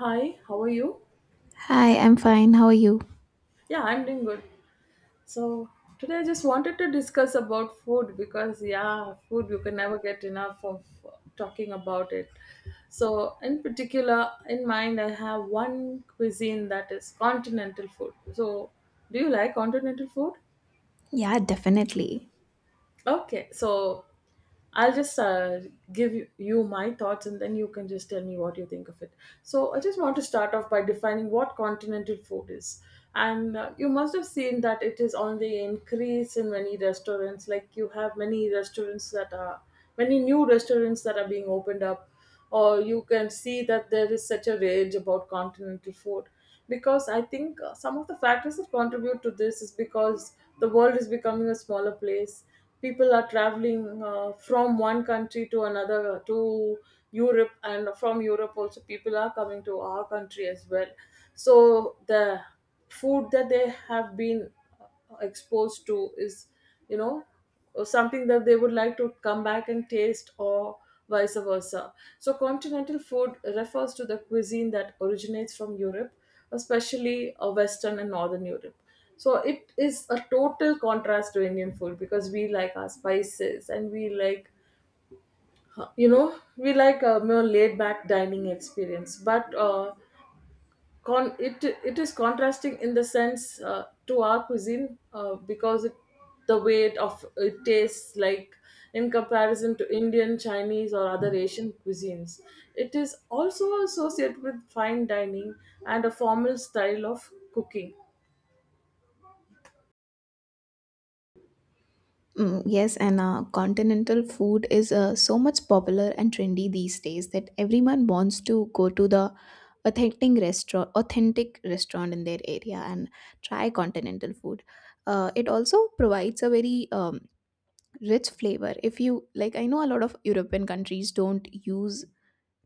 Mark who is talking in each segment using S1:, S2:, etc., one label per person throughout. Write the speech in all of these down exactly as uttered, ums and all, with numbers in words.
S1: Hi, how are you?
S2: Hi, I'm fine. How are you?
S1: Yeah, I'm doing good. So, today I just wanted to discuss about food because, yeah, food you can never get enough of uh, talking about it. So, in particular, in mind, I have one cuisine that is continental food. So, do you like continental food?
S2: Yeah, definitely.
S1: Okay, so I'll just uh, give you you my thoughts and then you can just tell me what you think of it. So, I just want to start off by defining what continental food is. And uh, you must have seen that it is on the increase in many restaurants. Like, you have many restaurants that are, many new restaurants that are being opened up, or you can see that there is such a rage about continental food because I think uh, some of the factors that contribute to this is because the world is becoming a smaller place. People are traveling uh, from one country to another uh, to Europe, and from Europe also people are coming to our country as well. So the food that they have been exposed to is you know or something that they would like to come back and taste, or vice versa. So continental food refers to the cuisine that originates from Europe, especially uh, western and northern Europe. So it is a total contrast to Indian food because we like our spices and we like you know we like a more laid back dining experience, but uh, con- it it is contrasting in the sense, uh, to our cuisine, uh, because it, the way it of it tastes like, in comparison to Indian, Chinese, or other Asian cuisines. It is also associated with fine dining and a formal style of cooking.
S2: Mm, yes, and uh, continental food is uh, so much popular and trendy these days that everyone wants to go to the authentic restaurant, authentic restaurant in their area and try continental food. Uh, it also provides a very um, rich flavor. If you like, I know a lot of European countries don't use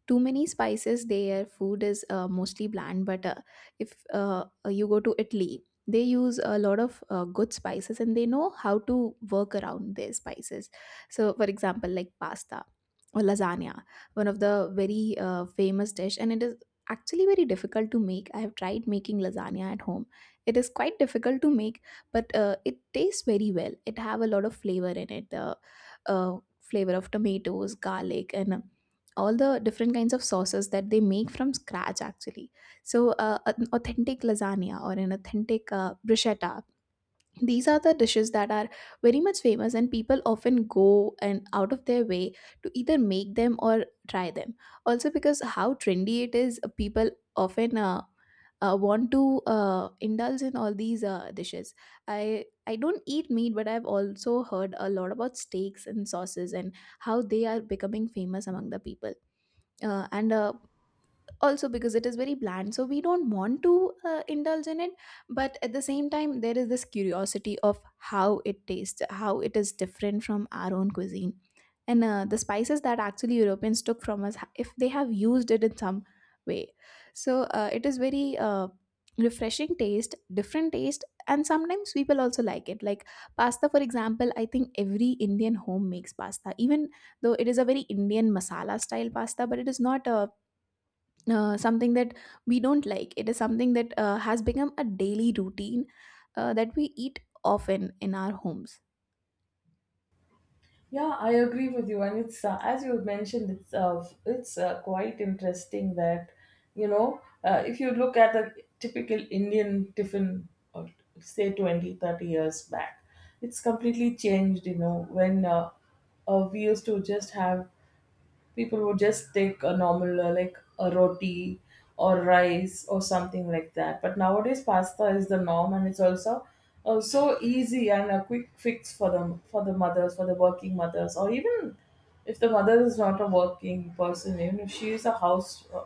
S2: too many spices, their food is uh, mostly bland, but uh, if uh, you go to Italy they use a lot of uh, good spices and they know how to work around their spices. So for example, like pasta or lasagna, one of the very uh, famous dish, and it is actually very difficult to make. I have tried making lasagna at home. It is quite difficult to make, but uh, it tastes very well. It have a lot of flavor in it. The uh, flavor of tomatoes, garlic and uh, all the different kinds of sauces that they make from scratch actually. So uh, an authentic lasagna or an authentic uh, bruschetta, these are the dishes that are very much famous and people often go and out of their way to either make them or try them. Also because how trendy it is, uh, people often uh, uh, want to uh, indulge in all these uh, dishes. I i don't eat meat, but I've also heard a lot about steaks and sauces and how they are becoming famous among the people. Uh, and uh, Also because it is very bland, so we don't want to uh, indulge in it, but at the same time there is this curiosity of how it tastes, how it is different from our own cuisine and uh, the spices that actually Europeans took from us, if they have used it in some way. So uh, it is very uh, refreshing taste, different taste, and sometimes people also like it. Like pasta for example, I think every Indian home makes pasta, even though it is a very Indian masala style pasta, but it is not a uh, something that we don't like. It is something that uh, has become a daily routine uh, that we eat often in our homes.
S1: Yeah, I agree with you, and it's uh, as you have mentioned, it's uh, it's uh, quite interesting that you know uh, if you look at a typical Indian tiffin, or say twenty thirty years back, it's completely changed. You know when uh, uh, we used to just have, people would just take a normal uh, like a roti or rice or something like that, but nowadays pasta is the norm and it's also uh, so easy and a quick fix for them, for the mothers, for the working mothers. Or even if the mother is not a working person, even if she is a house uh,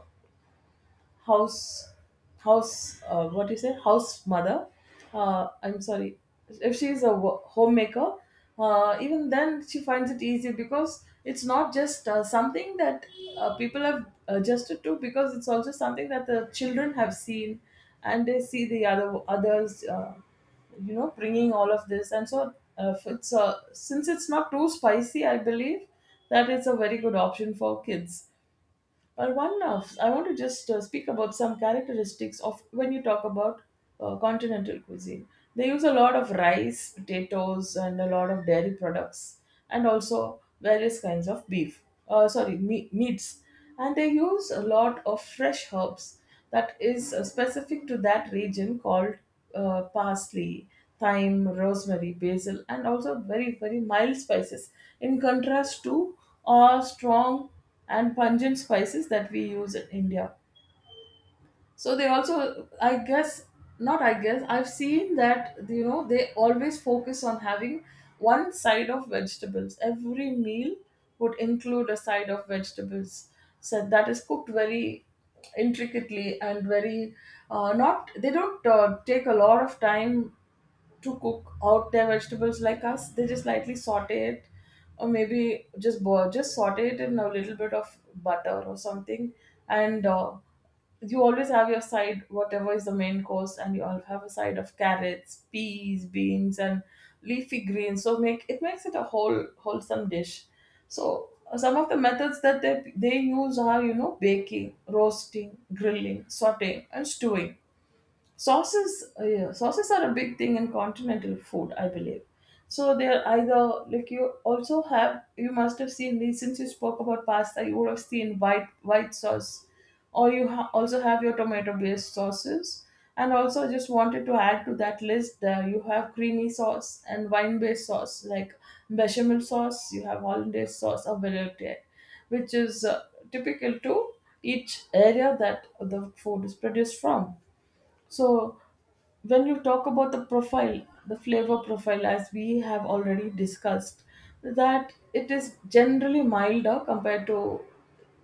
S1: house house uh, what do you say, house mother, uh, I'm sorry, if she is a wo- homemaker, uh, even then she finds it easy because it's not just uh, something that uh, people have adjusted to because it's also something that the children have seen and they see the other others uh, you know bringing all of this, and so uh, if it's uh, since it's not too spicy, I believe that it's a very good option for kids. or one of, I want to just uh, speak about some characteristics of when you talk about uh, continental cuisine. They use a lot of rice, potatoes, and a lot of dairy products, and also various kinds of beef. Uh, sorry, me- meats, and they use a lot of fresh herbs that is uh, specific to that region, called uh, parsley, thyme, rosemary, basil, and also very very mild spices in contrast to uh, strong and pungent spices that we use in India. So they also, I guess, not I guess, I've seen that, you know, they always focus on having one side of vegetables. Every meal would include a side of vegetables. So that is cooked very intricately and very, uh, not, they don't uh, take a lot of time to cook out their vegetables like us. They just lightly saute it, or maybe just boil, just saute it in a little bit of butter or something. And uh, you always have your side, whatever is the main course, and you all have a side of carrots, peas, beans, and leafy greens. So make it makes it a whole wholesome dish. So uh, some of the methods that they they use are, you know, baking, roasting, grilling, sautéing, and stewing. Sauces, uh, yeah, sauces are a big thing in continental food, I believe. So they're either, like, you also have, you must have seen these, since you spoke about pasta you would have seen white white sauce, or you ha- also have your tomato based sauces. And also I just wanted to add to that list, uh, you have creamy sauce and wine based sauce, like bechamel sauce, you have hollandaise sauce or velouté, which is uh, typical to each area that the food is produced from. So, when you talk about the profile, the flavor profile, as we have already discussed, that it is generally milder compared to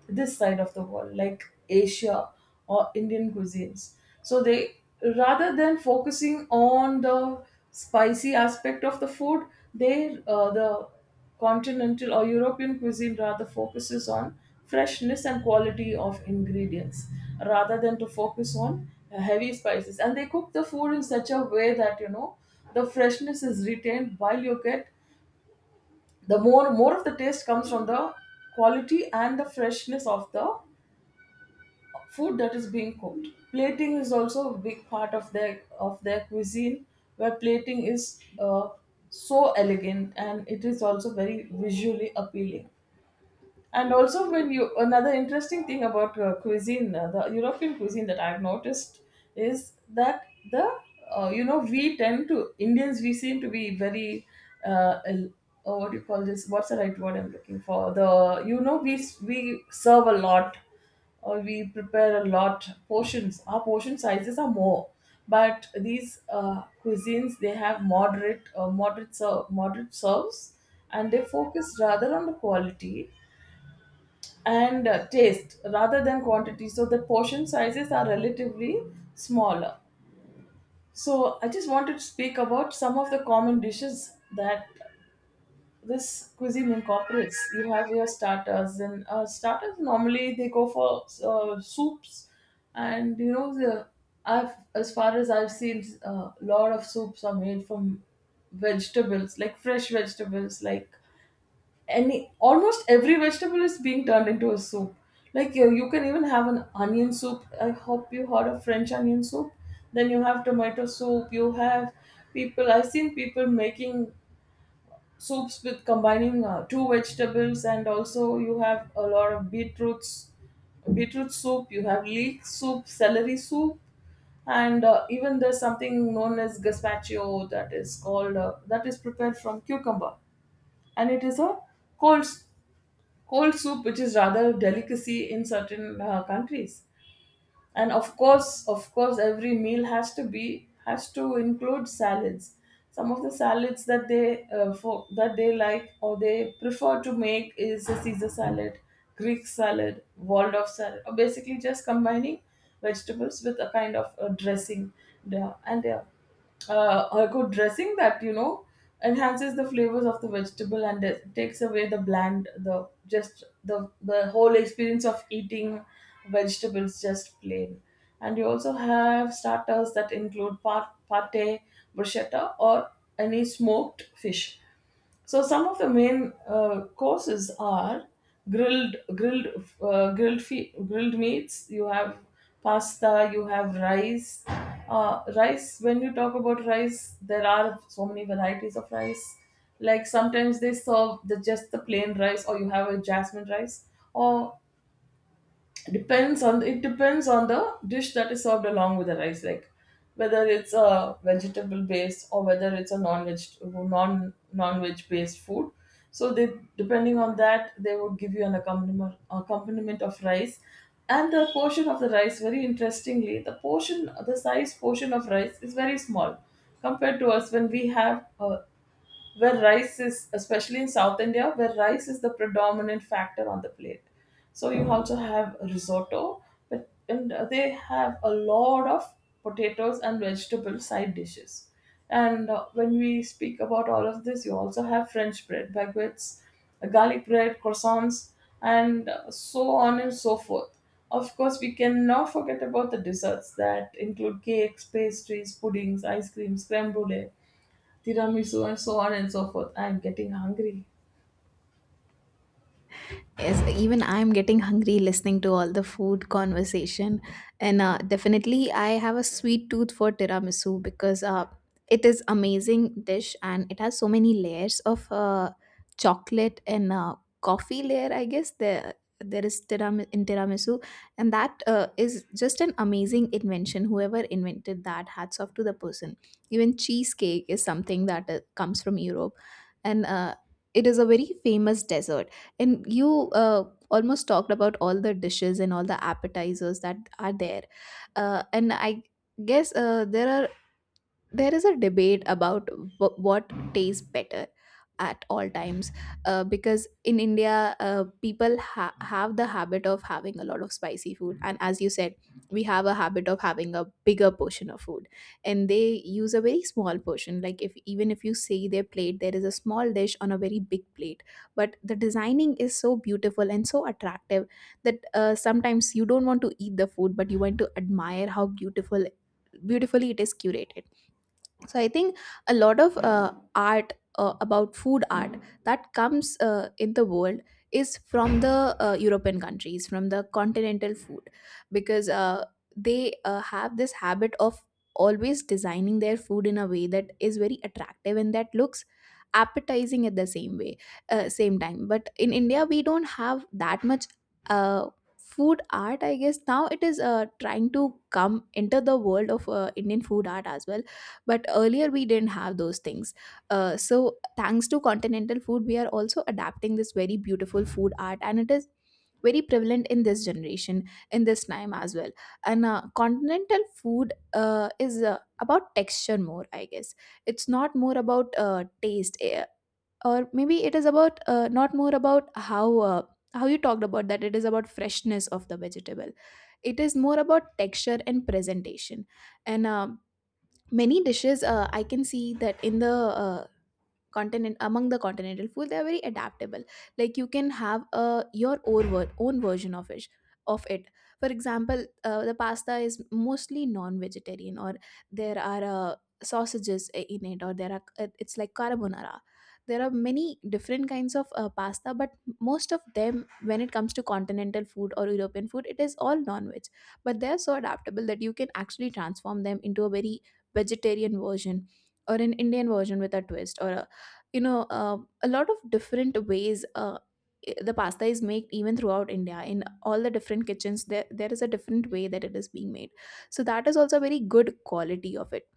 S1: this side of the world, like Asia or Indian cuisines. So, they, rather than focusing on the spicy aspect of the food, they, uh, the Continental or European cuisine rather focuses on freshness and quality of ingredients rather than to focus on uh, heavy spices. And they cook the food in such a way that, you know, the freshness is retained while you get the more more of the taste comes from the quality and the freshness of the food that is being cooked. Plating is also a big part of their of their cuisine, where plating is uh, so elegant and it is also very visually appealing. And also, when you another interesting thing about uh, cuisine, uh, the European cuisine that I've noticed is that the, uh, you know we tend to Indians, we seem to be very uh, el- oh, what do you call this? What's the right word I'm looking for? The you know we s- we serve a lot, or we prepare a lot portions. Our portion sizes are more, but these uh, cuisines, they have moderate, uh, moderate ser- moderate serves, and they focus rather on the quality and uh, taste rather than quantity. So the portion sizes are relatively smaller. So I just wanted to speak about some of the common dishes that this cuisine incorporates. You have your starters, and uh, starters normally they go for uh, soups. And, you know, the I've, as far as I've seen, a lot of soups are made from vegetables, like fresh vegetables, like any, almost every vegetable is being turned into a soup. Like you, you can even have an onion soup. I hope you heard of French onion soup. Then you have tomato soup. You have people, I've seen people making soups with combining uh, two vegetables, and also you have a lot of beetroots, beetroot soup. You have leek soup, celery soup, and uh, even there's something known as gazpacho that is called uh, that is prepared from cucumber, and it is a cold cold soup, which is rather a delicacy in certain uh, countries. And of course of course every meal has to be has to include salads. Some of the salads that they uh, for, that they like or they prefer to make is a caesar salad, greek salad, waldorf salad, or basically just combining vegetables with a kind of a dressing. Yeah, and yeah, uh, a good dressing that, you know enhances the flavors of the vegetable and it takes away the bland, the, just the the whole experience of eating vegetables just plain. And you also have starters that include par- pate, bruschetta, or any smoked fish. So some of the main uh, courses are grilled grilled uh, grilled fe- grilled meats. You have pasta. You have rice. Uh, rice. When you talk about rice, there are so many varieties of rice. Like sometimes they serve the just the plain rice, or you have a jasmine rice, or depends on it depends on the dish that is served along with the rice, like whether it's a vegetable based or whether it's a non veg non non veg based food. So they, depending on that they would give you an accompaniment accompaniment of rice. And the portion of the rice, very interestingly, the portion the size portion of rice is very small compared to us, when we have, uh, where rice is, especially in South India, where rice is the predominant factor on the plate. So you Mm. also have risotto, but and they have a lot of potatoes and vegetable side dishes. And uh, when we speak about all of this, you also have French bread, baguettes, uh, garlic bread, croissants, and uh, so on and so forth. Of course, we cannot forget about the desserts that include cakes, pastries, puddings, ice cream, creme brulee, tiramisu, and so on and so forth. I'm getting hungry.
S2: Yes, even I'm getting hungry listening to all the food conversation. And uh, definitely, I have a sweet tooth for tiramisu because uh, it is amazing dish and it has so many layers of uh, chocolate and uh, coffee layer. I guess there there is tiram- in tiramisu, and that uh, is just an amazing invention. Whoever invented that, hats off to the person. Even cheesecake is something that uh, comes from Europe, and uh, it is a very famous dessert and you uh, almost talked about all the dishes and all the appetizers that are there. Uh, and i guess uh, there are there is a debate about wh- what tastes better at all times, uh, because in India, uh, people ha- have the habit of having a lot of spicy food, and as you said, we have a habit of having a bigger portion of food and they use a very small portion. Like if even if you see their plate, there is a small dish on a very big plate, but the designing is so beautiful and so attractive that uh, sometimes you don't want to eat the food but you want to admire how beautiful beautifully it is curated. So I think a lot of uh, art uh, about food art that comes uh, in the world is from the uh, European countries, from the continental food, because uh, they uh, have this habit of always designing their food in a way that is very attractive and that looks appetizing at the same way, uh, same time. But in India we don't have that much uh, food art, I guess. Now it is uh, trying to come into the world of uh, Indian food art as well, but earlier we didn't have those things. Uh, so thanks to continental food, we are also adapting this very beautiful food art, and it is very prevalent in this generation, in this time as well. And uh, continental food uh, is uh, about texture more, I guess. It's not more about uh, taste, eh, or maybe it is about uh, not more about how uh, how you talked about, that it is about freshness of the vegetable. It is more about texture and presentation. And uh, many dishes, uh, I can see that in the uh, continent, among the continental food, they are very adaptable. Like you can have a your own ver- own version of it of it For example, uh, the pasta is mostly non-vegetarian, or there are uh, sausages in it, or there are uh, it's like carbonara. There are many different kinds of uh, pasta, but most of them, when it comes to continental food or European food, it is all non-veg. But they are so adaptable that you can actually transform them into a very vegetarian version, or an Indian version with a twist, or a you know uh, a lot of different ways. Uh, i- the pasta is made even throughout India. In all the different kitchens there there is a different way that it is being made. So that is also a very good quality of it.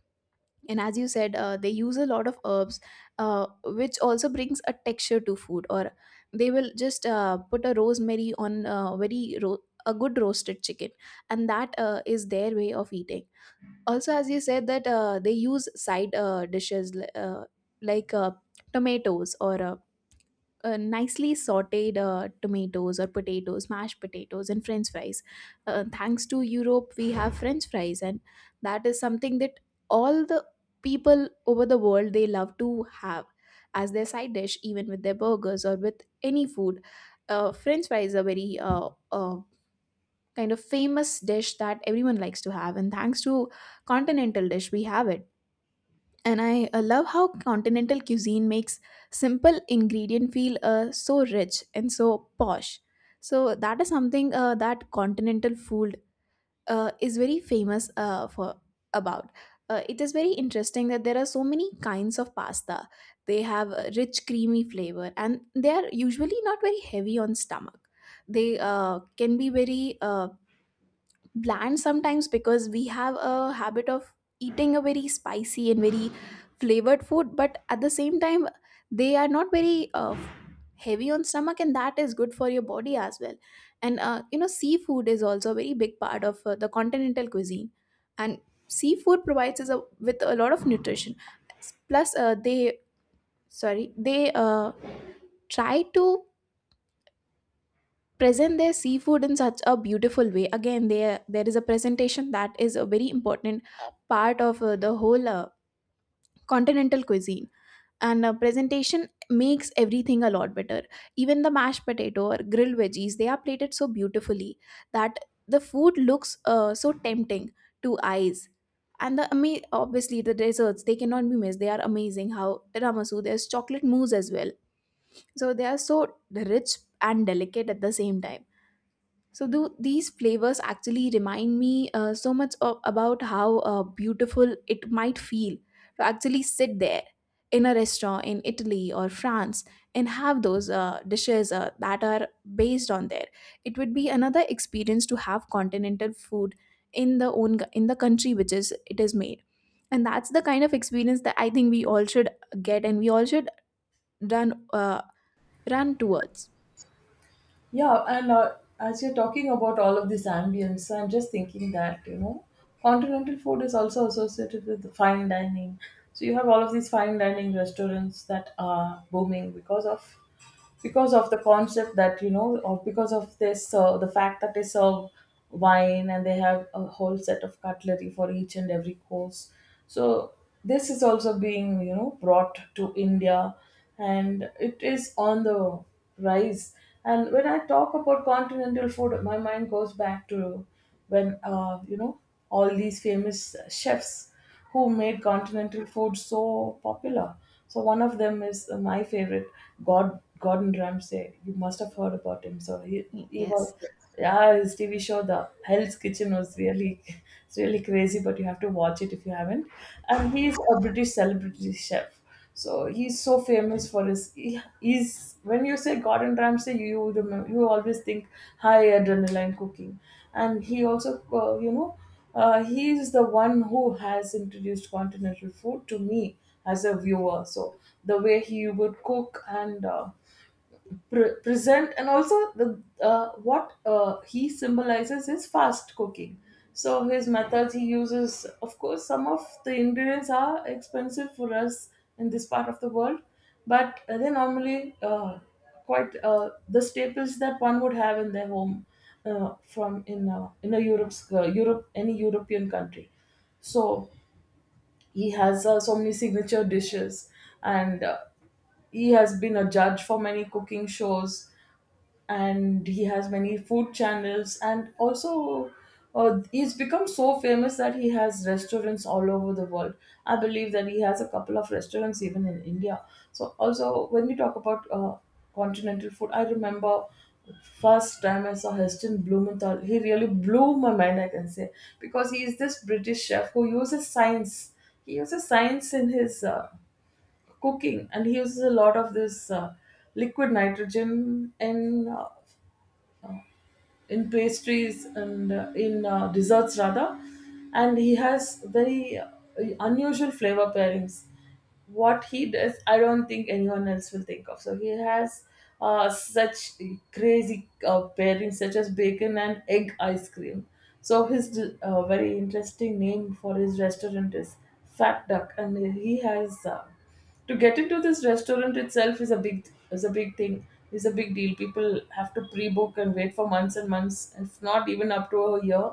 S2: And as you said, uh, they use a lot of herbs, uh, which also brings a texture to food, or they will just uh, put a rosemary on uh, very ro- a good roasted chicken, and that uh, is their way of eating. Also as you said that uh, they use side uh, dishes, li- uh, like uh, tomatoes or uh, uh, nicely sauteed uh, tomatoes or potatoes, mashed potatoes and french fries. Uh, thanks to Europe we have french fries, and that is something that all the people over the world they love to have as their side dish, even with their burgers or with any food. Uh, french fries are very uh, uh, kind of famous dish that everyone likes to have, and thanks to continental dish we have it. And I uh, love how continental cuisine makes simple ingredient feel uh, so rich and so posh. So that is something uh, that continental food uh, is very famous uh, for about uh, It is very interesting that there are so many kinds of pasta. They have a rich creamy flavor and they are usually not very heavy on stomach. They uh, can be very uh, bland sometimes, because we have a habit of eating a very spicy and very flavored food, but at the same time they are not very uh, heavy on stomach, and that is good for your body as well. And uh, you know, seafood is also a very big part of uh, the continental cuisine, and seafood provides us a, with a lot of nutrition. Plus uh, they sorry they uh, try to present their seafood in such a beautiful way. Again, there there is a presentation that is a very important part of uh, the whole uh, continental cuisine, and uh, presentation makes everything a lot better. Even the mashed potato or grilled veggies, they are plated so beautifully that the food looks uh, so tempting to eyes. And the ama- obviously the desserts, they cannot be missed. They are amazing, how tiramisu, there's chocolate mousse as well. So they are so rich and delicate at the same time. So do these flavors actually remind me uh, so much of, about how uh, beautiful it might feel to actually sit there in a restaurant in Italy or France and have those uh, dishes uh, that are based on there. It would be another experience to have continental food in the own in the country which is it is made. And that's the kind of experience that I think we all should get, and we all should run uh, run towards.
S1: Yeah, and uh, as you're talking about all of this ambience, I'm just thinking that, you know, continental food is also associated with fine dining. So you have all of these fine dining restaurants that are booming because of because of the concept, that you know or because of this uh, the fact that they serve wine and they have a whole set of cutlery for each and every course. So this is also, being you know brought to India, and it is on the rise. And when I talk about continental food, my mind goes back to when, uh, you know all these famous chefs who made continental food so popular. So one of them is, uh, my favorite, God Gordon Ramsay. You must have heard about him. So he he
S2: Yes.
S1: was yeah, his T V show The Hell's Kitchen was really it's really crazy, but you have to watch it if you haven't. And he's a British celebrity chef. So he's so famous for his. He- He's, when you say Gordon Ramsay, you remember, you always think high adrenaline cooking, and he also, uh, you know uh, he is the one who has introduced continental food to me as a viewer. So the way he would cook, and uh, pre- present, and also the uh, what uh, he symbolizes is fast cooking. So his methods he uses, of course, some of the ingredients are expensive for us in this part of the world, but uh, they normally, uh, quite uh, the staples that one would have in their home, uh, from in uh, in a Europe's uh, Europe, any European country. So he has, uh, so many signature dishes, and uh, he has been a judge for many cooking shows, and he has many food channels, and also, uh, he's become so famous that he has restaurants all over the world. I believe that he has a couple of restaurants even in India. So also, when we talk about uh, continental food, I remember first time I saw Heston Blumenthal, he really blew my mind, I can say. Because he is this British chef who uses science. He uses science in his uh, cooking, and he uses a lot of this uh, liquid nitrogen in, uh, in pastries, and uh, in uh, desserts rather. And he has very uh, unusual flavor pairings. What he does, I don't think anyone else will think of. So he has uh, such crazy uh, pairings, such as bacon and egg ice cream. So his, uh, very interesting name for his restaurant is Fat Duck. And he has uh, to get into this restaurant itself is a big is a big thing, is a big deal. People have to pre-book and wait for months and months, if not even up to a year,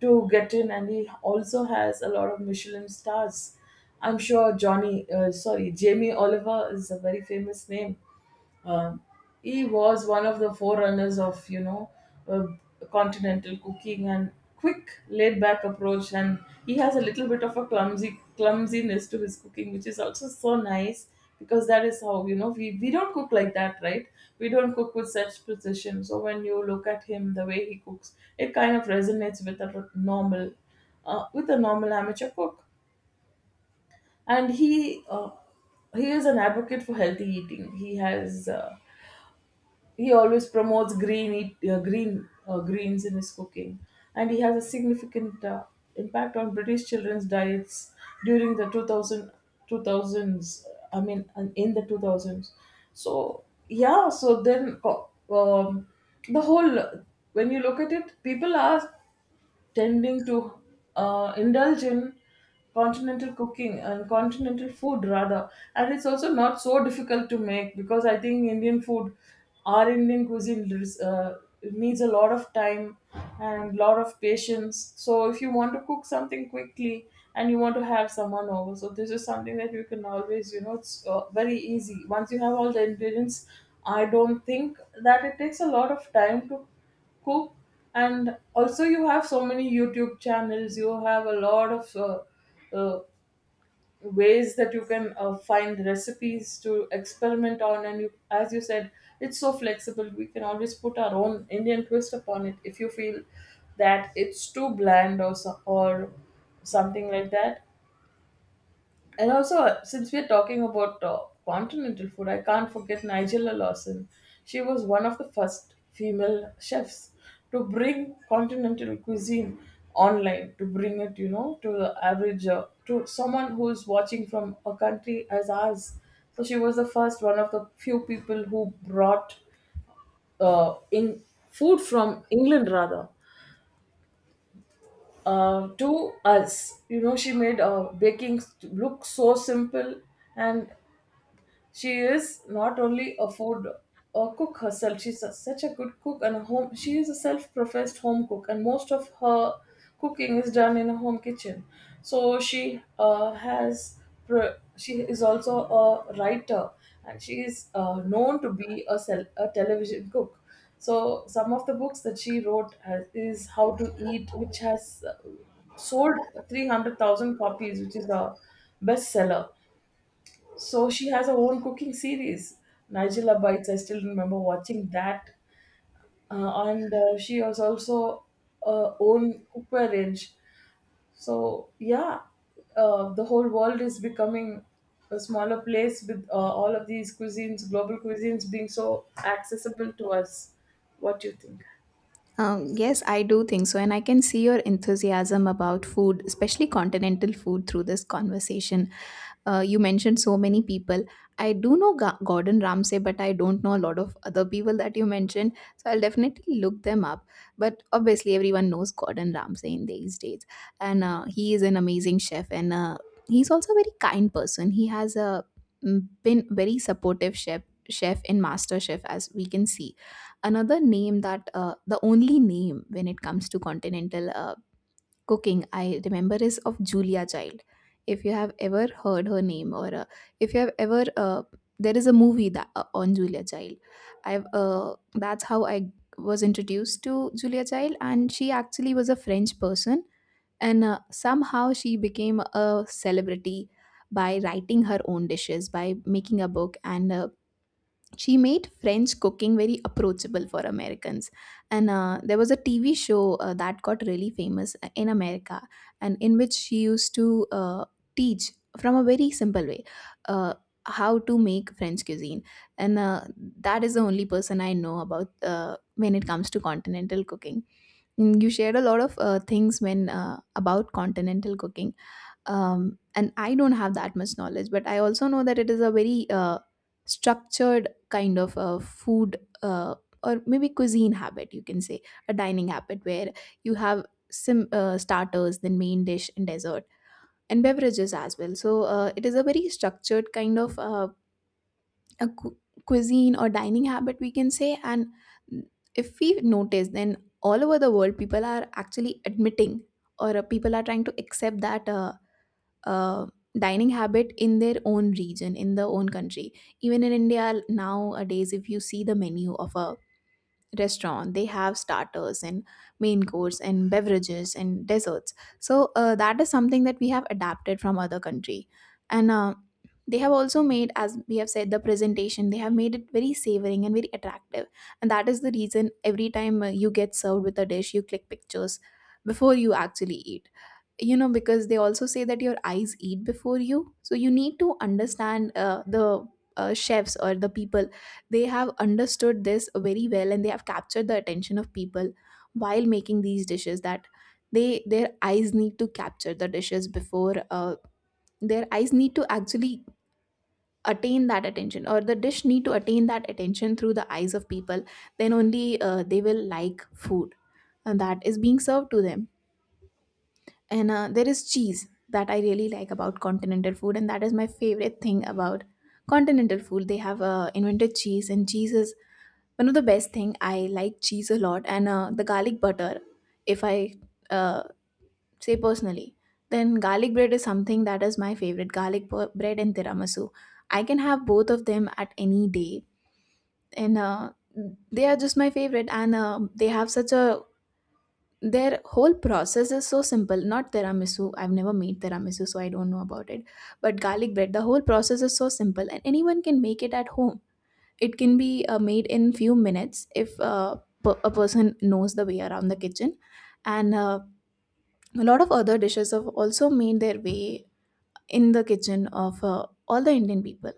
S1: to get in. And he also has a lot of Michelin stars. I'm sure johnny uh, sorry Jamie Oliver is a very famous name. uh, he was one of the forerunners of, you know uh, continental cooking, and quick laid back approach. And he has a little bit of a clumsy clumsiness to his cooking, which is also so nice, because that is how, you know, we, we don't cook like that, right? We don't cook with such precision. So when you look at him, the way he cooks, it kind of resonates with a normal, uh, with a normal amateur cook. And he uh, he is an advocate for healthy eating. He has, uh, he always promotes green eat, uh, green uh, greens in his cooking. And he has a significant uh, impact on British children's diets during the two thousand, two thousands. I mean, and in the two thousands. So yeah, so then uh, um, the whole, when you look at it, people ask, tending to uh, indulge in continental cooking and continental food rather. And it's also not so difficult to make, because I think Indian food, our indian cuisine res- uh, it needs a lot of time and lot of patience. So if you want to cook something quickly and you want to have someone over, so this is something that you can always, you know, it's uh, very easy once you have all the ingredients. I don't think that it takes a lot of time to cook. And also, you have so many YouTube channels. You have a lot of uh, uh, ways that you can uh, find recipes to experiment on. And you, as you said, it's so flexible. We can always put our own Indian twist upon it, if you feel that it's too bland or so, or something like that. And also, uh, since we're talking about uh, continental food, I can't forget Nigella Lawson. She was one of the first female chefs to bring continental cuisine online, to bring it, you know, to the average, uh, to someone who's watching from a country as ours. So she was the first, one of the few people who brought uh, in food from England rather, uh, to us. You know, she made uh, baking st- look so simple. And She is not only a food a cook herself. She's a, such a good cook and a home. she is a self-professed home cook, and most of her cooking is done in a home kitchen. So she uh, has pro- she is also a writer, and she is uh, known to be a, sel- a television cook. So some of the books that she wrote has, is How to Eat, which has uh, sold three hundred thousand copies, which is a bestseller. So she has her own cooking series, Nigella Bites. I still remember watching that. Uh, and uh, She has also uh, own cookware range. So yeah, uh, the whole world is becoming a smaller place with, uh, all of these cuisines, global cuisines, being so accessible to us. What do you think?
S2: Um, yes, I do think so. And I can see your enthusiasm about food, especially continental food, through this conversation. Uh, you mentioned so many people. I do know Ga- Gordon Ramsay, but I don't know a lot of other people that you mentioned. So I'll definitely look them up. But obviously, everyone knows Gordon Ramsay in these days, and uh, he is an amazing chef, and uh, he's also a very kind person. He has uh, mm, been very supportive chef chef in master chef, as we can see. Another name that uh, the only name when it comes to continental uh, cooking I remember is of Julia Child. If you have ever heard her name, or uh, if you have ever, uh, there is a movie that uh, on Julia Child. I've uh, That's how I was introduced to Julia Child, and she actually was a French person, and uh, somehow she became a celebrity by writing her own dishes, by making a book, and uh, she made French cooking very approachable for Americans. And uh, there was a T V show uh, that got really famous uh, in America, and in which she used to uh, teach from a very simple way uh, how to make French cuisine. And uh, that is the only person I know about uh, when it comes to continental cooking. Mm, you shared a lot of uh, things when uh, about continental cooking. Um, and I don't have that much knowledge, but I also know that it is a very uh, structured kind of a food, uh, or maybe cuisine habit you can say, a dining habit where you have some uh, starters, then main dish and dessert and beverages as well. So uh, it is a very structured kind of uh, a cu- cuisine or dining habit we can say. And if we notice, then all over the world people are actually admitting, or uh, people are trying to accept that Uh, uh, dining habit in their own region, in their own country. Even in India nowadays, if you see the menu of a restaurant, they have starters and main course and beverages and desserts. So uh, that is something that we have adapted from other country. And uh, they have also made, as we have said, the presentation, they have made it very savoring and very attractive, and that is the reason every time uh, you get served with a dish you click pictures before you actually eat. You know, because they also say that your eyes eat before you, so you need to understand uh, the uh, chefs or the people, they have understood this very well, and they have captured the attention of people while making these dishes, that they their eyes need to capture the dishes before uh, their eyes need to actually attain that attention, or the dish need to attain that attention through the eyes of people. Then only uh, they will like food and that is being served to them. And uh, there is cheese that I really like about continental food, and that is my favorite thing about continental food. They have uh, invented cheese, and cheese is one of the best thing. I like cheese a lot, and uh, the garlic butter. If I uh, say personally, then garlic bread is something that is my favorite. Garlic bu- bread and tiramisu, I can have both of them at any day, and uh, they are just my favorite. And uh, they have such a their whole process is so simple. Not tiramisu. I've never made tiramisu, so I don't know about it. But garlic bread, the whole process is so simple, and anyone can make it at home. It can be uh, made in few minutes if uh, per- a person knows the way around the kitchen. And uh, a lot of other dishes have also made their way in the kitchen of uh, all the Indian people.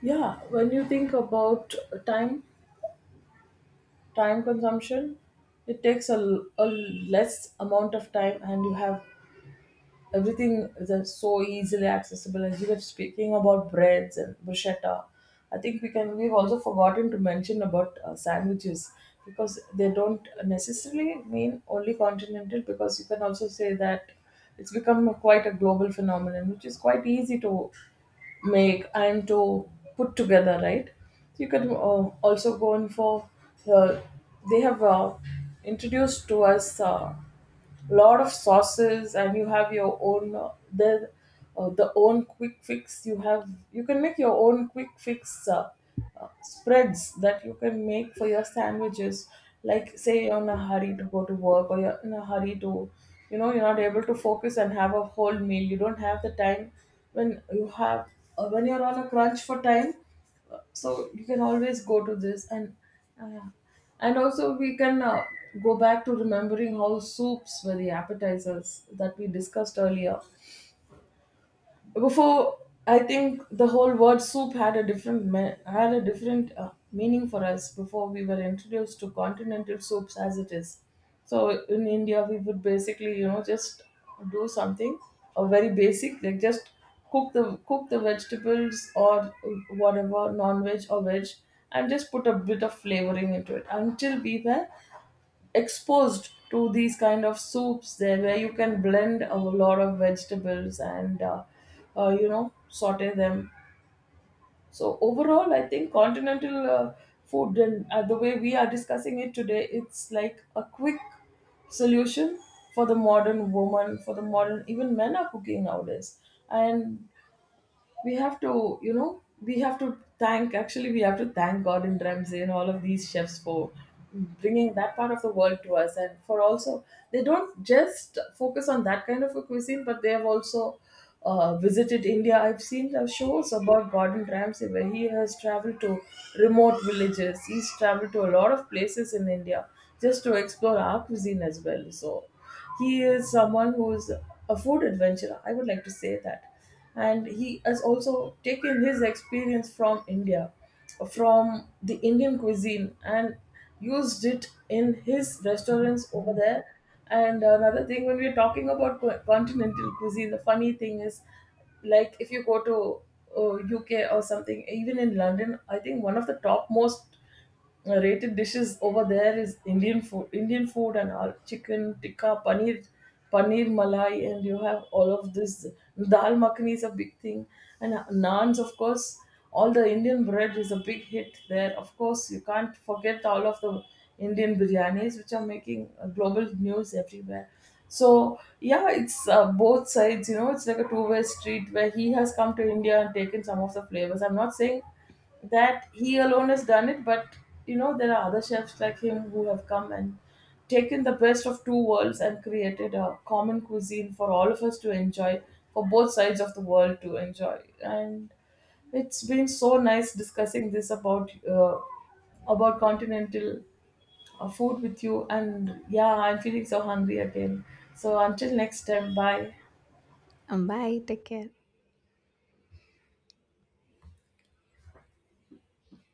S1: Yeah, when you think about time, time consumption, it takes a, l- a less amount of time, and you have everything is uh, so easily accessible. As you were speaking about breads and bruschetta, I think we can we've also forgotten to mention about uh, sandwiches, because they don't necessarily mean only continental, because you can also say that it's become a- quite a global phenomenon, which is quite easy to make and to put together, right? You can uh, also go in for, uh, they have uh, introduced to us Uh, lot of sauces. And you have your own, uh, the uh, the own quick fix you have you can make your own quick fix, uh, uh, spreads that you can make for your sandwiches. Like, say you're in a hurry to go to work, or you're in a hurry to, you know, you're not able to focus and have a whole meal, you don't have the time, when you have uh, when you're on a crunch for time, so you can always go to this. And uh, and also, we can uh, go back to remembering how soups were the appetizers that we discussed earlier before. I think the whole word soup had a different me- had a different uh, meaning for us before we were introduced to continental soups as it is. So in India, we would basically, you know, just do something, a very basic, like just cook the cook the vegetables, or whatever non-veg or veg, and just put a bit of flavoring into it, until we were exposed to these kind of soups there, where you can blend a lot of vegetables, and uh, uh, you know, saute them. So overall, I think continental uh, food, and uh, the way we are discussing it today, it's like a quick solution for the modern woman, for the modern, even men are cooking nowadays. And we have to, you know, we have to thank actually we have to thank Gordon Ramsay and all of these chefs for bringing that part of the world to us, and for also, they don't just focus on that kind of a cuisine, but they have also uh, visited India. I've seen the shows about Gordon Ramsay, where he has traveled to remote villages, he's traveled to a lot of places in India, just to explore our cuisine as well. So he is someone who is a food adventurer, I would like to say that. And he has also taken his experience from India, from the Indian cuisine, and used it in his restaurants over there. And another thing, when we're talking about co- continental cuisine, the funny thing is, like if you go to, uh, U K or something, even in London, I think one of the top most uh, rated dishes over there is Indian food. Indian food, and all chicken tikka, paneer, paneer malai, and you have all of this. Dal makhani is a big thing, and uh, naans, of course. All the Indian bread is a big hit there. Of course, you can't forget all of the Indian biryanis, which are making uh, global news everywhere. So yeah, it's uh, both sides. You know, it's like a two-way street, where he has come to India and taken some of the flavors. I'm not saying that he alone has done it, but you know, there are other chefs like him who have come and taken the best of two worlds and created a common cuisine for all of us to enjoy, for both sides of the world to enjoy. And it's been so nice discussing this about, uh, about continental uh, food with you. And yeah, I'm feeling so hungry again, so until next time, bye.
S2: um, Bye, take care.